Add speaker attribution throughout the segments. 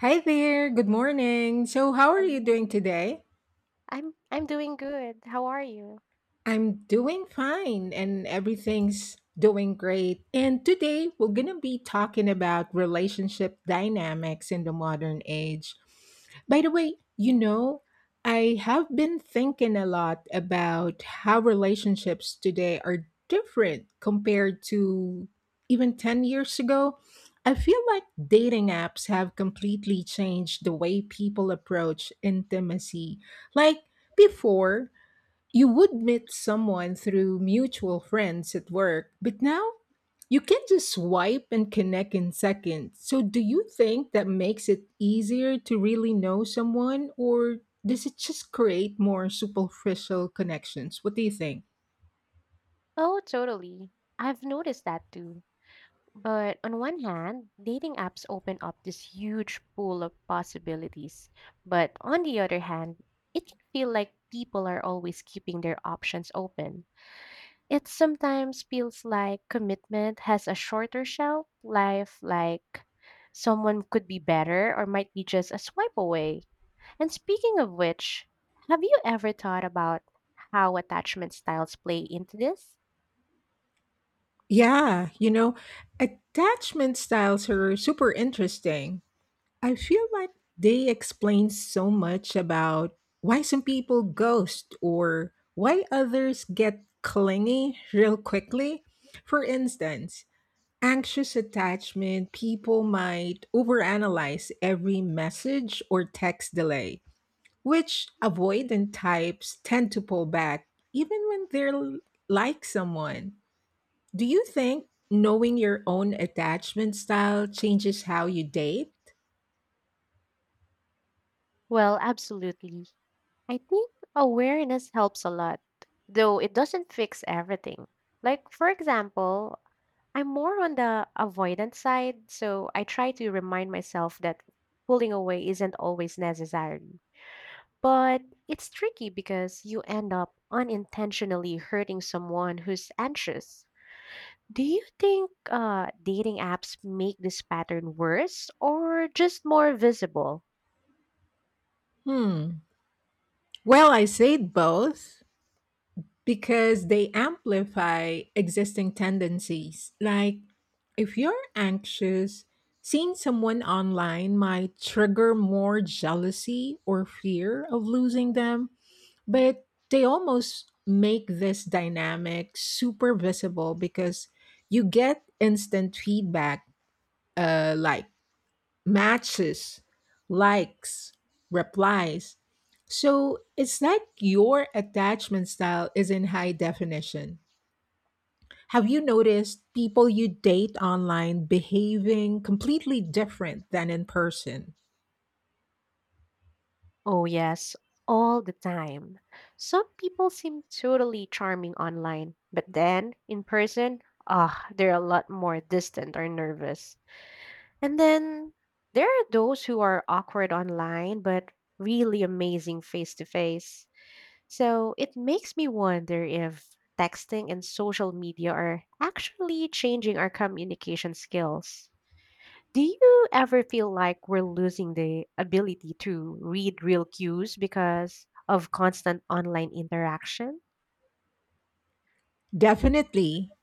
Speaker 1: Hi there, good morning. So, how are you doing
Speaker 2: Hello.
Speaker 1: today?
Speaker 2: I'm doing good. How are you?
Speaker 1: I'm doing fine and everything's doing great. And today we're going to be talking about relationship dynamics in the modern age. By the way, I have been thinking a lot about how relationships today are different compared to even 10 years ago. I feel like dating apps have completely changed the way people approach intimacy. Like before, you would meet someone through mutual friends at work, but now you can just swipe and connect in seconds. So, do you think that makes it easier to really know someone, or does it just create more superficial connections? What do you think?
Speaker 2: Oh, totally. I've noticed that too. But on one hand, dating apps open up this huge pool of possibilities. But on the other hand, it can feel like people are always keeping their options open. It sometimes feels like commitment has a shorter shelf life, like someone could be better or might be just a swipe away. And speaking of which, have you ever thought about how attachment styles play into this?
Speaker 1: Yeah, attachment styles are super interesting. I feel like they explain so much about why some people ghost or why others get clingy real quickly. For instance, anxious attachment people might overanalyze every message or text delay, which avoidant types tend to pull back even when like someone. Do you think knowing your own attachment style changes how you date?
Speaker 2: Well, absolutely. I think awareness helps a lot, though it doesn't fix everything. Like, for example, I'm more on the avoidant side, so I try to remind myself that pulling away isn't always necessary. But it's tricky because you end up unintentionally hurting someone who's anxious. Do you think dating apps make this pattern worse or just more visible?
Speaker 1: Hmm. Well, I said both because they amplify existing tendencies. Like, if you're anxious, seeing someone online might trigger more jealousy or fear of losing them, but they almost make this dynamic super visible because you get instant feedback, like, matches, likes, replies. So it's like your attachment style is in high definition. Have you noticed people you date online behaving completely different than in person?
Speaker 2: Oh, yes, all the time. Some people seem totally charming online, but then in person, they're a lot more distant or nervous. And then there are those who are awkward online, but really amazing face to face. So it makes me wonder if texting and social media are actually changing our communication skills. Do you ever feel like we're losing the ability to read real cues because of constant online interaction?
Speaker 1: Definitely.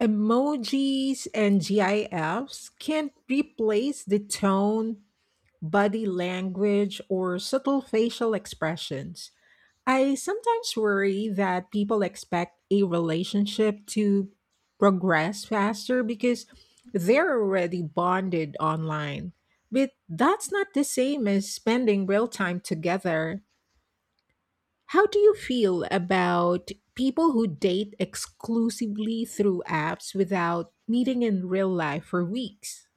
Speaker 1: Emojis and GIFs can't replace the tone, body language, or subtle facial expressions. I sometimes worry that people expect a relationship to progress faster because they're already bonded online. But that's not the same as spending real time together. How do you feel about people who date exclusively through apps without meeting in real life for weeks?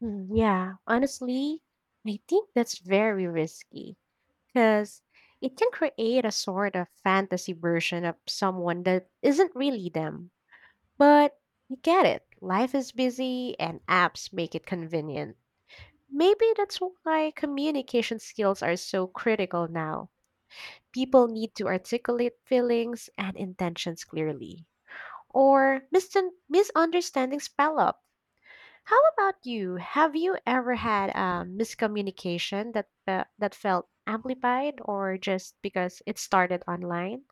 Speaker 2: Yeah, honestly, I think that's very risky because it can create a sort of fantasy version of someone that isn't really them. But you get it. Life is busy and apps make it convenient. Maybe that's why communication skills are so critical now. People need to articulate feelings and intentions clearly, or misunderstandings pile up. How about you? Have you ever had a miscommunication that that felt amplified, or just because it started online?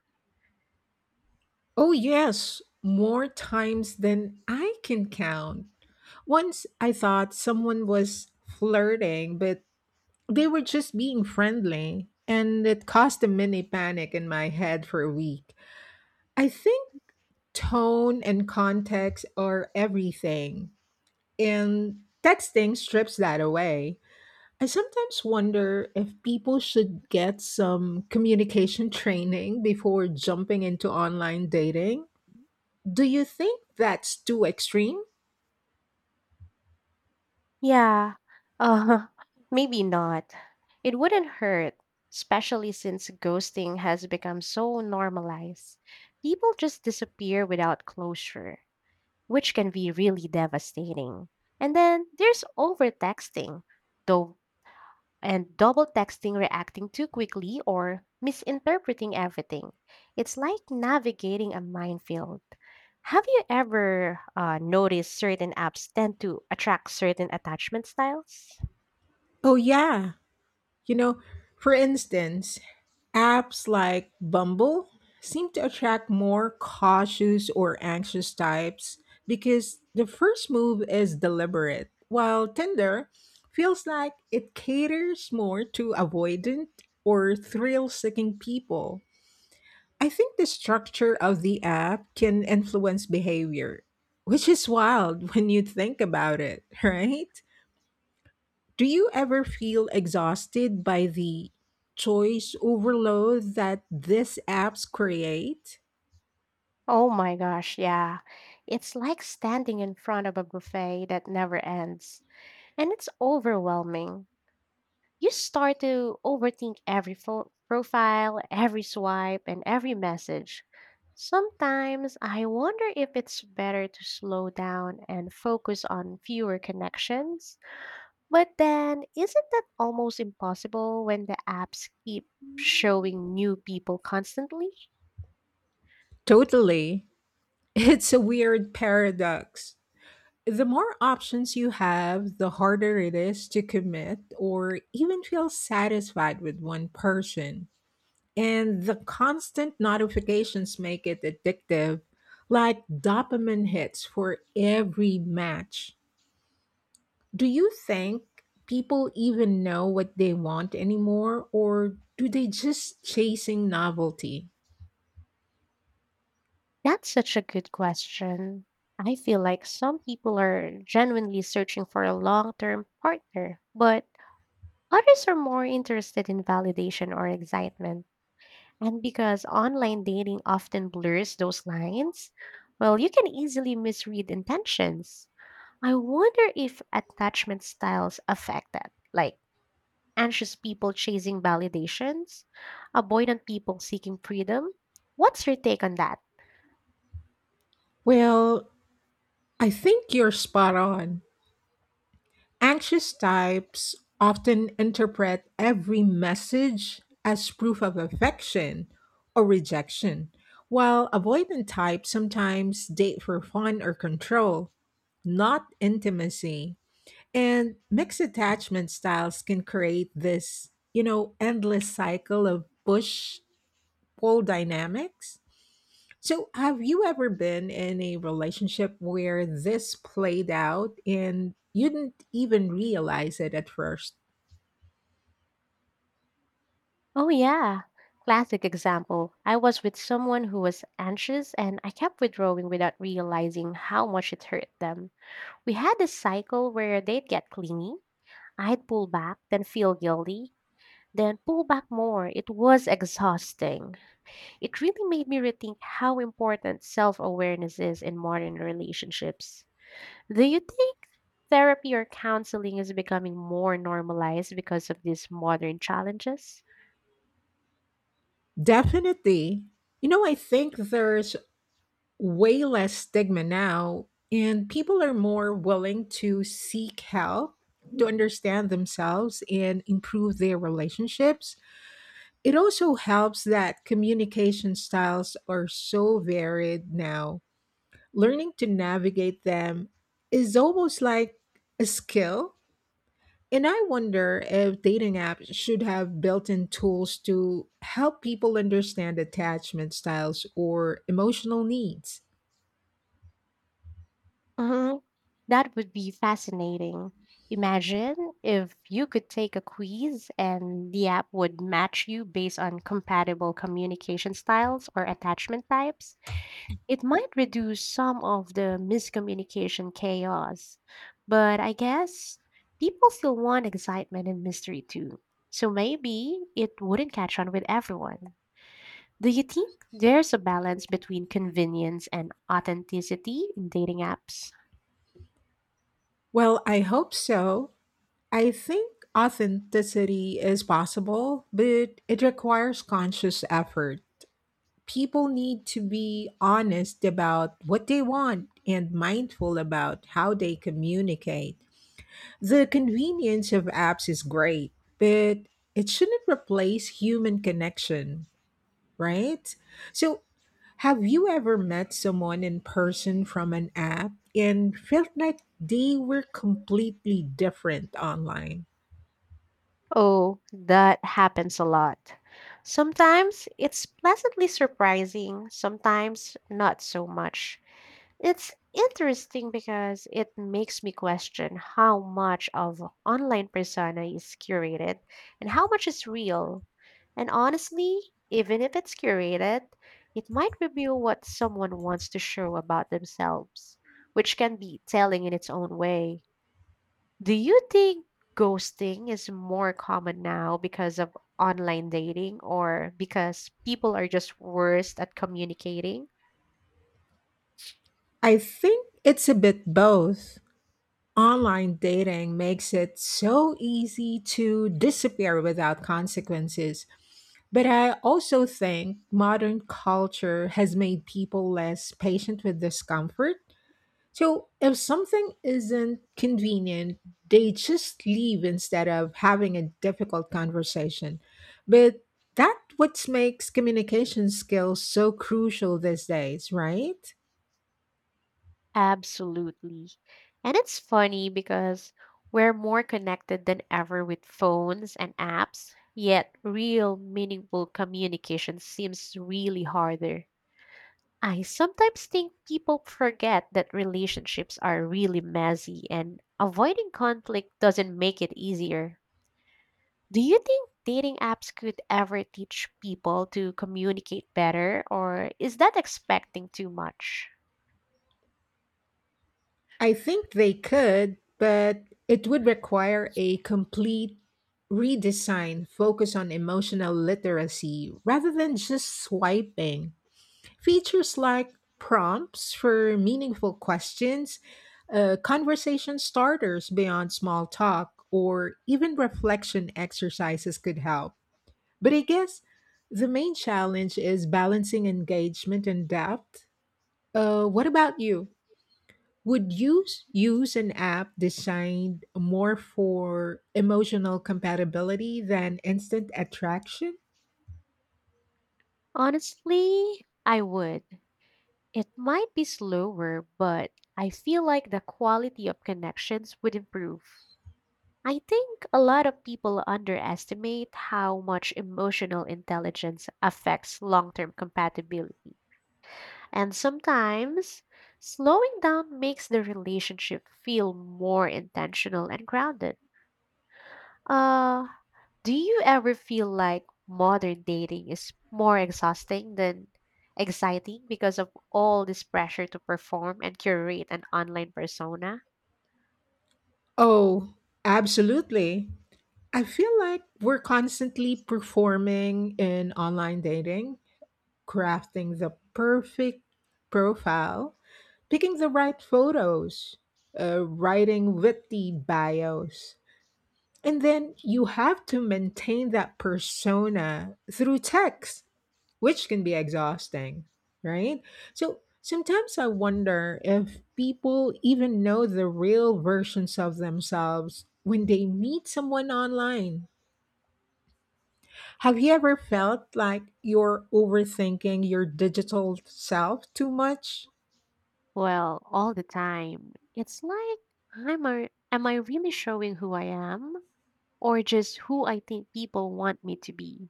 Speaker 1: Oh, yes, more times than I can count. Once I thought someone was flirting, but they were just being friendly, and it caused a mini panic in my head for a week. I think tone and context are everything, and texting strips that away. I sometimes wonder if people should get some communication training before jumping into online dating. Do you think that's too extreme?
Speaker 2: Yeah. Uh, maybe not. It wouldn't hurt, especially since ghosting has become so normalized. People just disappear without closure, which can be really devastating. And then there's over texting, though and double texting, reacting too quickly, or misinterpreting everything. It's like navigating a minefield. Have you ever noticed certain apps tend to attract certain attachment styles?
Speaker 1: Oh, yeah. You know, for instance, apps like Bumble seem to attract more cautious or anxious types because the first move is deliberate, while Tinder feels like it caters more to avoidant or thrill seeking people. I think the structure of the app can influence behavior, which is wild when you think about it, right? Do you ever feel exhausted by the choice overload that these apps create?
Speaker 2: Oh my gosh, yeah. It's like standing in front of a buffet that never ends, and it's overwhelming. You start to overthink every profile, every swipe, and every message. Sometimes I wonder if it's better to slow down and focus on fewer connections. But then, isn't that almost impossible when the apps keep showing new people constantly?
Speaker 1: Totally. It's a weird paradox. The more options you have, the harder it is to commit or even feel satisfied with one person. And the constant notifications make it addictive, like dopamine hits for every match. Do you think people even know what they want anymore, or do they just chasing novelty?
Speaker 2: That's such a good question. I feel like some people are genuinely searching for a long term partner, but others are more interested in validation or excitement. And because online dating often blurs those lines, well, you can easily misread intentions. I wonder if attachment styles affect that, like anxious people chasing validations, avoidant people seeking freedom. What's your take on that?
Speaker 1: Well, I think you're spot on. Anxious types often interpret every message as proof of affection or rejection, while avoidant types sometimes date for fun or control, not intimacy. And mixed attachment styles can create this, endless cycle of push pole dynamics. So, have you ever been in a relationship where this played out and you didn't even realize it at first?
Speaker 2: Oh, yeah. Classic example. I was with someone who was anxious and I kept withdrawing without realizing how much it hurt them. We had this cycle where they'd get clingy, I'd pull back, then feel guilty, then pull back more. It was exhausting. It really made me rethink how important self awareness is in modern relationships. Do you think therapy or counseling is becoming more normalized because of these modern challenges?
Speaker 1: Definitely. I think there's way less stigma now, and people are more willing to seek help to understand themselves and improve their relationships. It also helps that communication styles are so varied now. Learning to navigate them is almost like a skill. And I wonder if dating apps should have built in tools to help people understand attachment styles or emotional needs.
Speaker 2: Mhm. That would be fascinating. Imagine if you could take a quiz and the app would match you based on compatible communication styles or attachment types. It might reduce some of the miscommunication chaos. But I guess people still want excitement and mystery too. So maybe it wouldn't catch on with everyone. Do you think there's a balance between convenience and authenticity in dating apps?
Speaker 1: Well, I hope so. I think authenticity is possible, but it requires conscious effort. People need to be honest about what they want and mindful about how they communicate. The convenience of apps is great, but it shouldn't replace human connection, right? So, have you ever met someone in person from an app and felt like they were completely different online?
Speaker 2: Oh, that happens a lot. Sometimes it's pleasantly surprising, sometimes not so much. It's interesting because it makes me question how much of online persona is curated and how much is real. And honestly, even if it's curated, it might reveal what someone wants to show about themselves, which can be telling in its own way. Do you think ghosting is more common now because of online dating or because people are just worse at communicating?
Speaker 1: I think it's a bit both. Online dating makes it so easy to disappear without consequences. But I also think modern culture has made people less patient with discomfort. So if something isn't convenient, they just leave instead of having a difficult conversation. But that what makes communication skills so crucial these days, right?
Speaker 2: Absolutely. And it's funny because we're more connected than ever with phones and apps, yet real meaningful communication seems really harder. I sometimes think people forget that relationships are really messy and avoiding conflict doesn't make it easier. Do you think dating apps could ever teach people to communicate better, or is that expecting too much?
Speaker 1: I think they could, but it would require a complete redesign focus on emotional literacy rather than just swiping. Features like prompts for meaningful questions, conversation starters beyond small talk, or even reflection exercises could help. But I guess the main challenge is balancing engagement and depth. What about you? Use an app designed more for emotional compatibility than instant attraction?
Speaker 2: Honestly, I would. It might be slower, but I feel like the quality of connections would improve. I think a lot of people underestimate how much emotional intelligence affects long term compatibility. And sometimes, slowing down makes the relationship feel more intentional and grounded. Uh, do you ever feel like modern dating is more exhausting than exciting because of all this pressure to perform and curate an online persona?
Speaker 1: Oh, absolutely. I feel like we're constantly performing in online dating, crafting the perfect profile, picking the right photos, writing witty bios. And then you have to maintain that persona through text, which can be exhausting, right? So sometimes I wonder if people even know the real versions of themselves when they meet someone online. Have you ever felt like you're overthinking your digital self too much?
Speaker 2: Well, all the time. It's like, am I really showing who I am or just who I think people want me to be?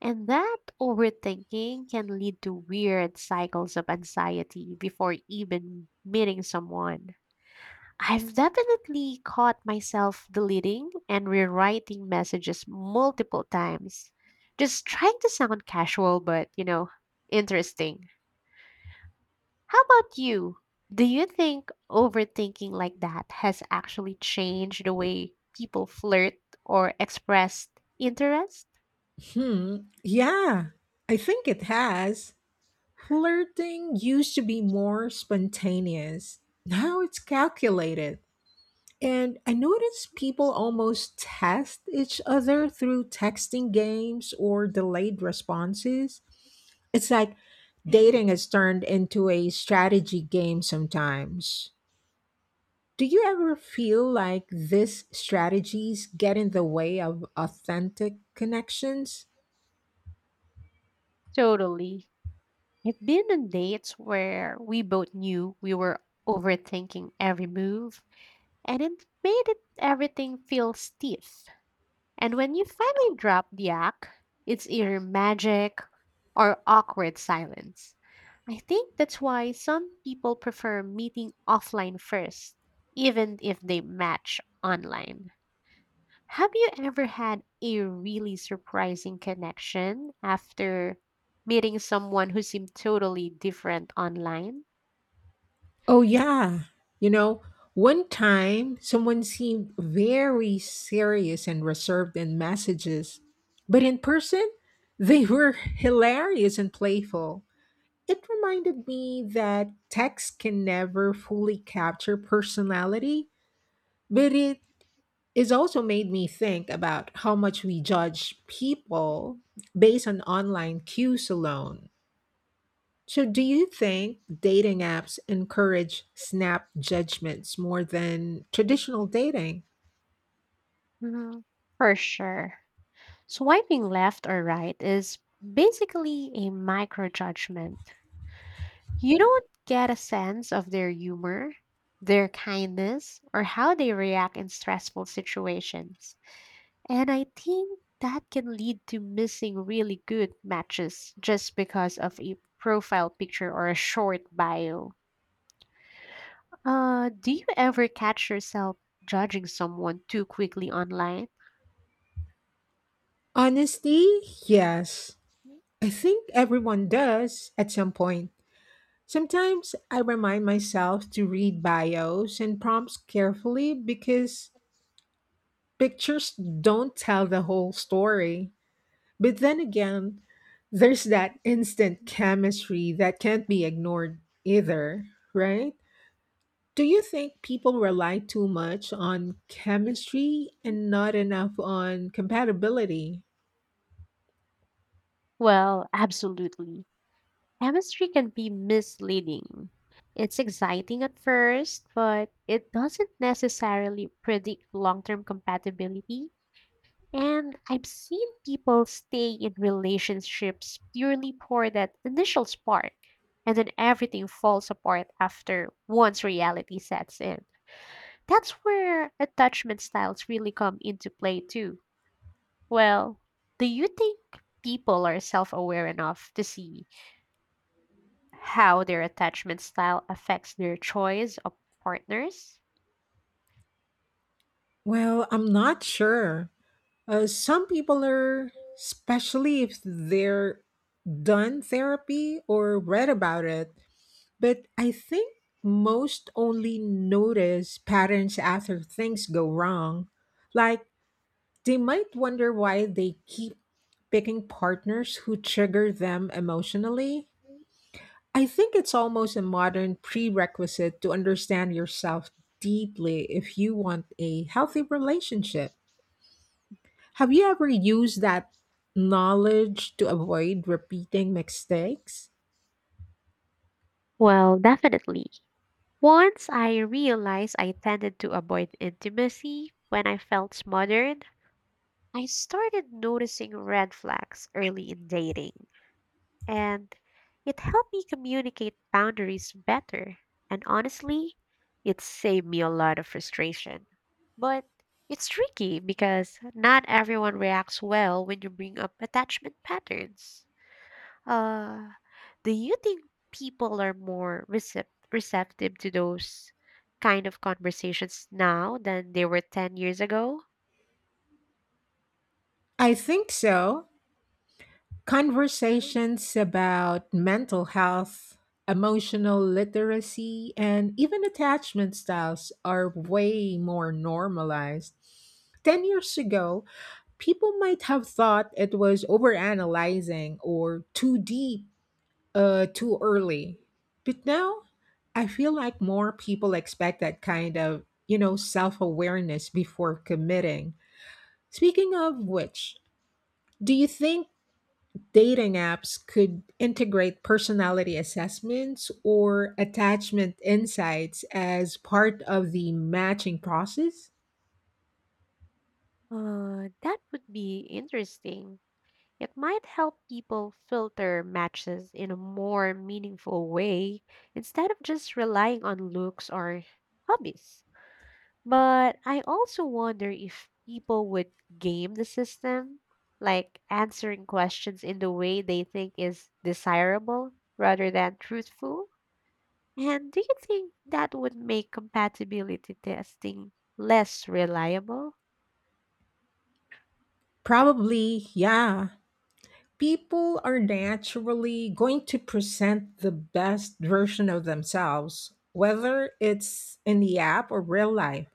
Speaker 2: And that overthinking can lead to weird cycles of anxiety before even meeting someone. I've definitely caught myself deleting and rewriting messages multiple times, just trying to sound casual but, you know, interesting. How about you? Do you think overthinking like that has actually changed the way people flirt or express interest?
Speaker 1: Hmm. Yeah, I think it has. Flirting used to be more spontaneous. Now it's calculated. And I notice people almost test each other through texting games or delayed responses. It's like dating has turned into a strategy game sometimes. Do you ever feel like these strategies get in the way of authentic connections?
Speaker 2: Totally. I've been on dates where we both knew we were overthinking every move, and it made it everything feel stiff. And when you finally drop the act, it's either magic or awkward silence. I think that's why some people prefer meeting offline first, even if they match online. Have you ever had a really surprising connection after meeting someone who seemed totally different online?
Speaker 1: Oh, yeah. You know, one time someone seemed very serious and reserved in messages, but in person, they were hilarious and playful. It reminded me that text can never fully capture personality, but it is also made me think about how much we judge people based on online cues alone. So, do you think dating apps encourage snap judgments more than traditional dating?
Speaker 2: Mhm, For sure. Swiping left or right is basically a micro judgment. You don't get a sense of their humor, their kindness, or how they react in stressful situations. And I think that can lead to missing really good matches just because of a profile picture or a short bio. Do you ever catch yourself judging someone too quickly online?
Speaker 1: Honestly, yes. I think everyone does at some point. Sometimes I remind myself to read bios and prompts carefully because pictures don't tell the whole story. But then again, there's that instant chemistry that can't be ignored either, right? Do you think people rely too much on chemistry and not enough on compatibility?
Speaker 2: Well, absolutely. Chemistry can be misleading. It's exciting at first, but it doesn't necessarily predict long term compatibility. And I've seen people stay in relationships purely for that initial spark, and then everything falls apart after once reality sets in. That's where attachment styles really come into play, too. Well, do you think people are self aware enough to see how their attachment style affects their choice of partners?
Speaker 1: Well, I'm not sure. Some people are, especially if they're done therapy or read about it, but I think most only notice patterns after things go wrong. Like, they might wonder why they keep picking partners who trigger them emotionally. I think it's almost a modern prerequisite to understand yourself deeply if you want a healthy relationship. Have you ever used that knowledge to avoid repeating mistakes?
Speaker 2: Well, definitely. Once I realized I tended to avoid intimacy when I felt smothered, I started noticing red flags early in dating, and it helped me communicate boundaries better. And honestly, it saved me a lot of frustration. But it's tricky because not everyone reacts well when you bring up attachment patterns. Uh, do you think people are more receptive to those kind of conversations now than they were 10 years ago?
Speaker 1: I think so. Conversations about mental health, emotional literacy, and even attachment styles are way more normalized. 10 years ago, people might have thought it was overanalyzing or too deep too early. But now I feel like more people expect that kind of, self awareness before committing. Speaking of which, do you think dating apps could integrate personality assessments or attachment insights as part of the matching process?
Speaker 2: That would be interesting. It might help people filter matches in a more meaningful way instead of just relying on looks or hobbies. But I also wonder if people would game the system, like answering questions in the way they think is desirable rather than truthful. And do you think that would make compatibility testing less reliable?
Speaker 1: Probably, yeah. People are naturally going to present the best version of themselves, whether it's in the app or real life.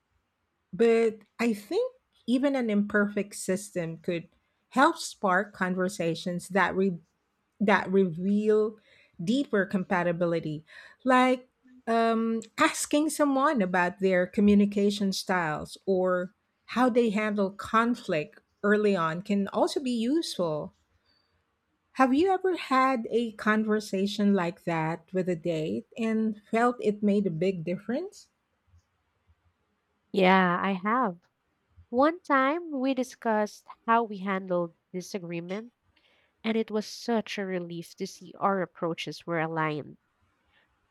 Speaker 1: But I think even an imperfect system could help spark conversations that that reveal deeper compatibility, like asking someone about their communication styles or how they handle conflict early on can also be useful. Have you ever had a conversation like that with a date and felt it made a big difference?
Speaker 2: Yeah, I have. One time we discussed how we handled disagreement, and it was such a relief to see our approaches were aligned.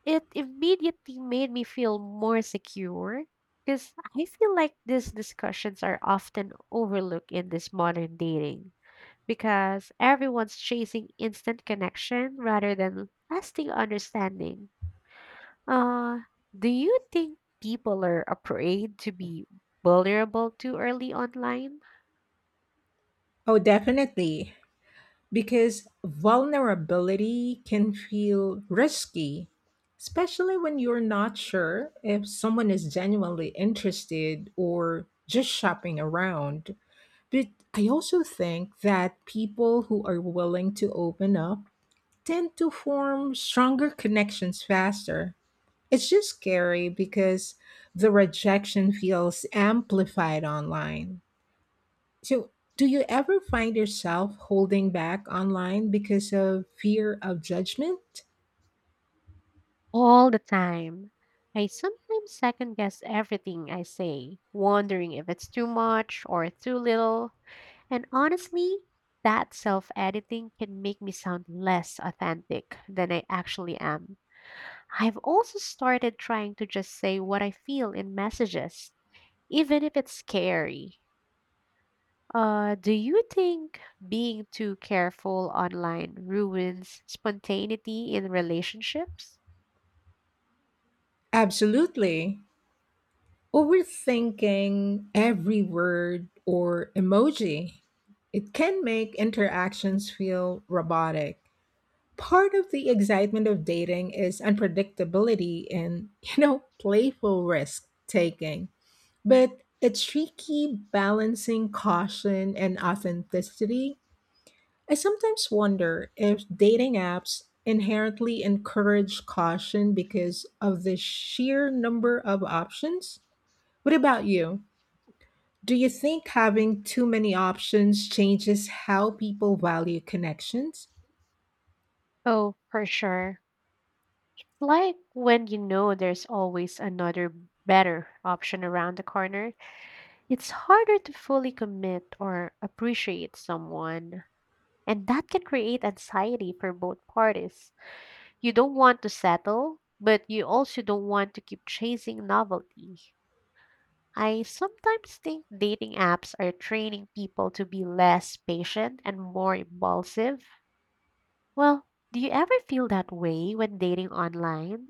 Speaker 2: It immediately made me feel more secure because I feel like these discussions are often overlooked in this modern dating because everyone's chasing instant connection rather than lasting understanding. Uh, do you think people are afraid to be vulnerable too early online?
Speaker 1: Oh, definitely. Because vulnerability can feel risky, especially when you're not sure if someone is genuinely interested or just shopping around. But I also think that people who are willing to open up tend to form stronger connections faster. It's just scary because the rejection feels amplified online. So, do you ever find yourself holding back online because of fear of judgment?
Speaker 2: All the time. I sometimes second guess everything I say, wondering if it's too much or too little. And honestly, that self editing can make me sound less authentic than I actually am. I've also started trying to just say what I feel in messages, even if it's scary. Do you think being too careful online ruins spontaneity in relationships?
Speaker 1: Absolutely. Overthinking every word or emoji. It can make interactions feel robotic. Part of the excitement of dating is unpredictability and, playful risk taking. But it's tricky balancing caution and authenticity. I sometimes wonder if dating apps inherently encourage caution because of the sheer number of options. What about you? Do you think having too many options changes how people value connections?
Speaker 2: Oh, for sure. Like when you know there's always another better option around the corner, it's harder to fully commit or appreciate someone, and that can create anxiety for both parties. You don't want to settle, but you also don't want to keep chasing novelty. I sometimes think dating apps are training people to be less patient and more impulsive. Well, do you ever feel that way when dating online?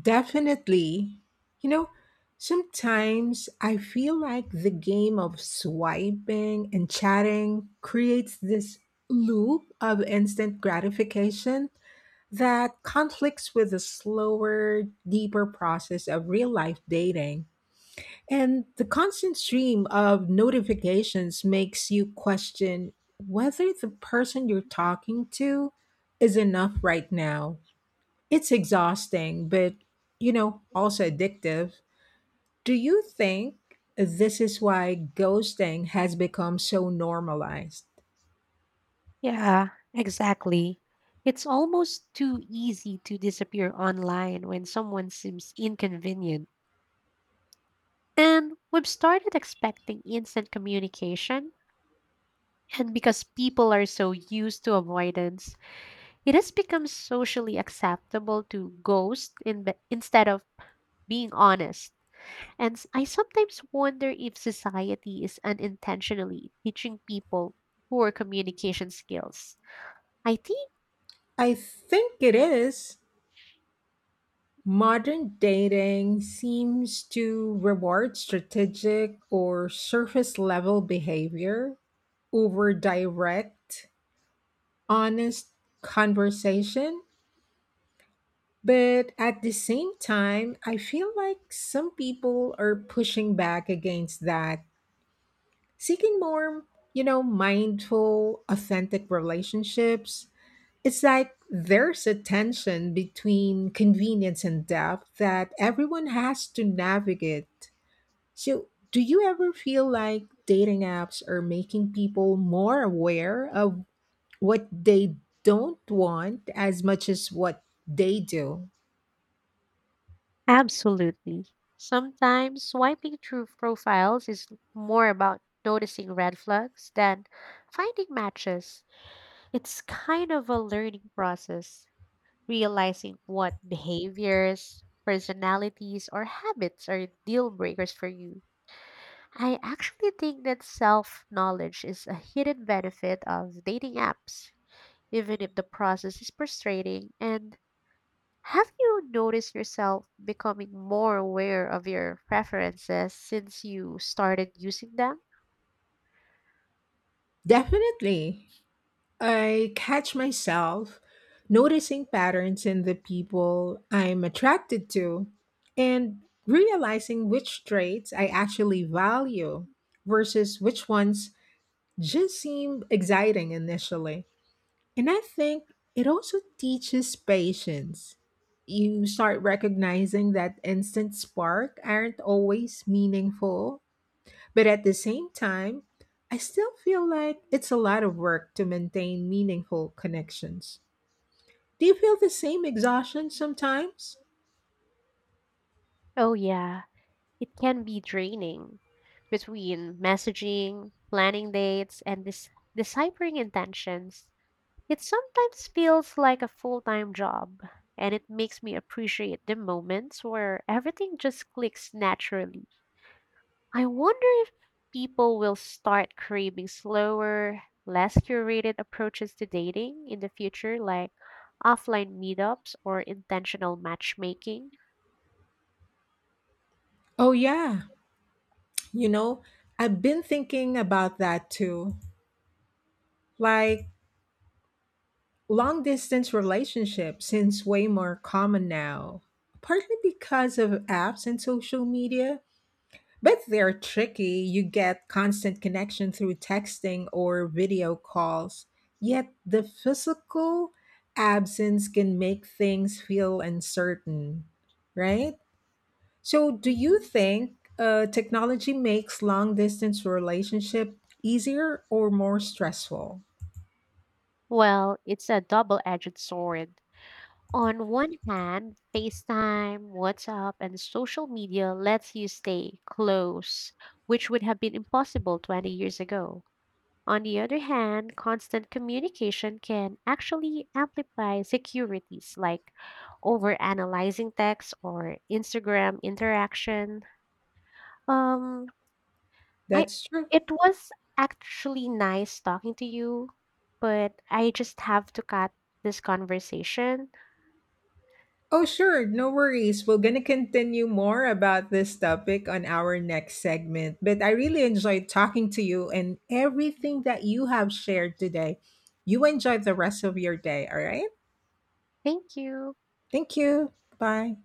Speaker 1: Definitely. You know, sometimes I feel like the game of swiping and chatting creates this loop of instant gratification. That conflicts with the slower, deeper process of real life dating. And the constant stream of notifications makes you question whether the person you're talking to is enough right now. It's exhausting, but also addictive. Do you think this is why ghosting has become so normalized?
Speaker 2: Yeah, exactly. It's almost too easy to disappear online when someone seems inconvenient. And we've started expecting instant communication. And because people are so used to avoidance, it has become socially acceptable to ghost in instead of being honest. And I sometimes wonder if society is unintentionally teaching people poor communication skills. I think
Speaker 1: I think it is. Modern dating seems to reward strategic or surface level behavior over direct, honest conversation. But at the same time, I feel like some people are pushing back against that, seeking more, mindful, authentic relationships. It's like there's a tension between convenience and depth that everyone has to navigate. So, do you ever feel like dating apps are making people more aware of what they don't want as much as what they do?
Speaker 2: absolutely. Sometimes swiping through profiles is more about noticing red flags than finding matches. It's kind of a learning process, realizing what behaviors, personalities, or habits are deal breakers for you. I actually think that self knowledge is a hidden benefit of dating apps, even if the process is frustrating. And have you noticed yourself becoming more aware of your preferences since you started using them?
Speaker 1: Definitely. I catch myself noticing patterns in the people I'm attracted to and realizing which traits I actually value versus which ones just seem exciting initially. And I think it also teaches patience. You start recognizing that instant spark aren't always meaningful, but at the same time, I still feel like it's a lot of work to maintain meaningful connections. Do you feel the same exhaustion sometimes?
Speaker 2: Oh, yeah. It can be draining between messaging, planning dates, and deciphering intentions. It sometimes feels like a full time job, and it makes me appreciate the moments where everything just clicks naturally. I wonder if people will start craving slower, less curated approaches to dating in the future, like offline meetups or intentional matchmaking.
Speaker 1: Oh, yeah. You know, I've been thinking about that too. Like, long distance relationships seems way more common now, partly because of apps and social media. But they're tricky. You get constant connection through texting or video calls. Yet the physical absence can make things feel uncertain, right? So, do you
Speaker 2: Mhm.
Speaker 1: think technology makes long distance relationship easier or more stressful?
Speaker 2: Well, it's a double edged sword. On one hand, FaceTime, WhatsApp, and social media lets you stay close, which would have been impossible 20 years ago. On the other hand, constant communication can actually amplify securities like overanalyzing text or Instagram interaction. Um, I
Speaker 1: That's true.
Speaker 2: it was actually nice talking to you, but I just have to cut this conversation.
Speaker 1: Oh, sure, no worries. We're going to continue more about this topic on our next segment. But I really enjoyed talking to you and everything that you have shared today. You enjoy the rest of your day, all right?
Speaker 2: Thank you.
Speaker 1: Thank you. Bye.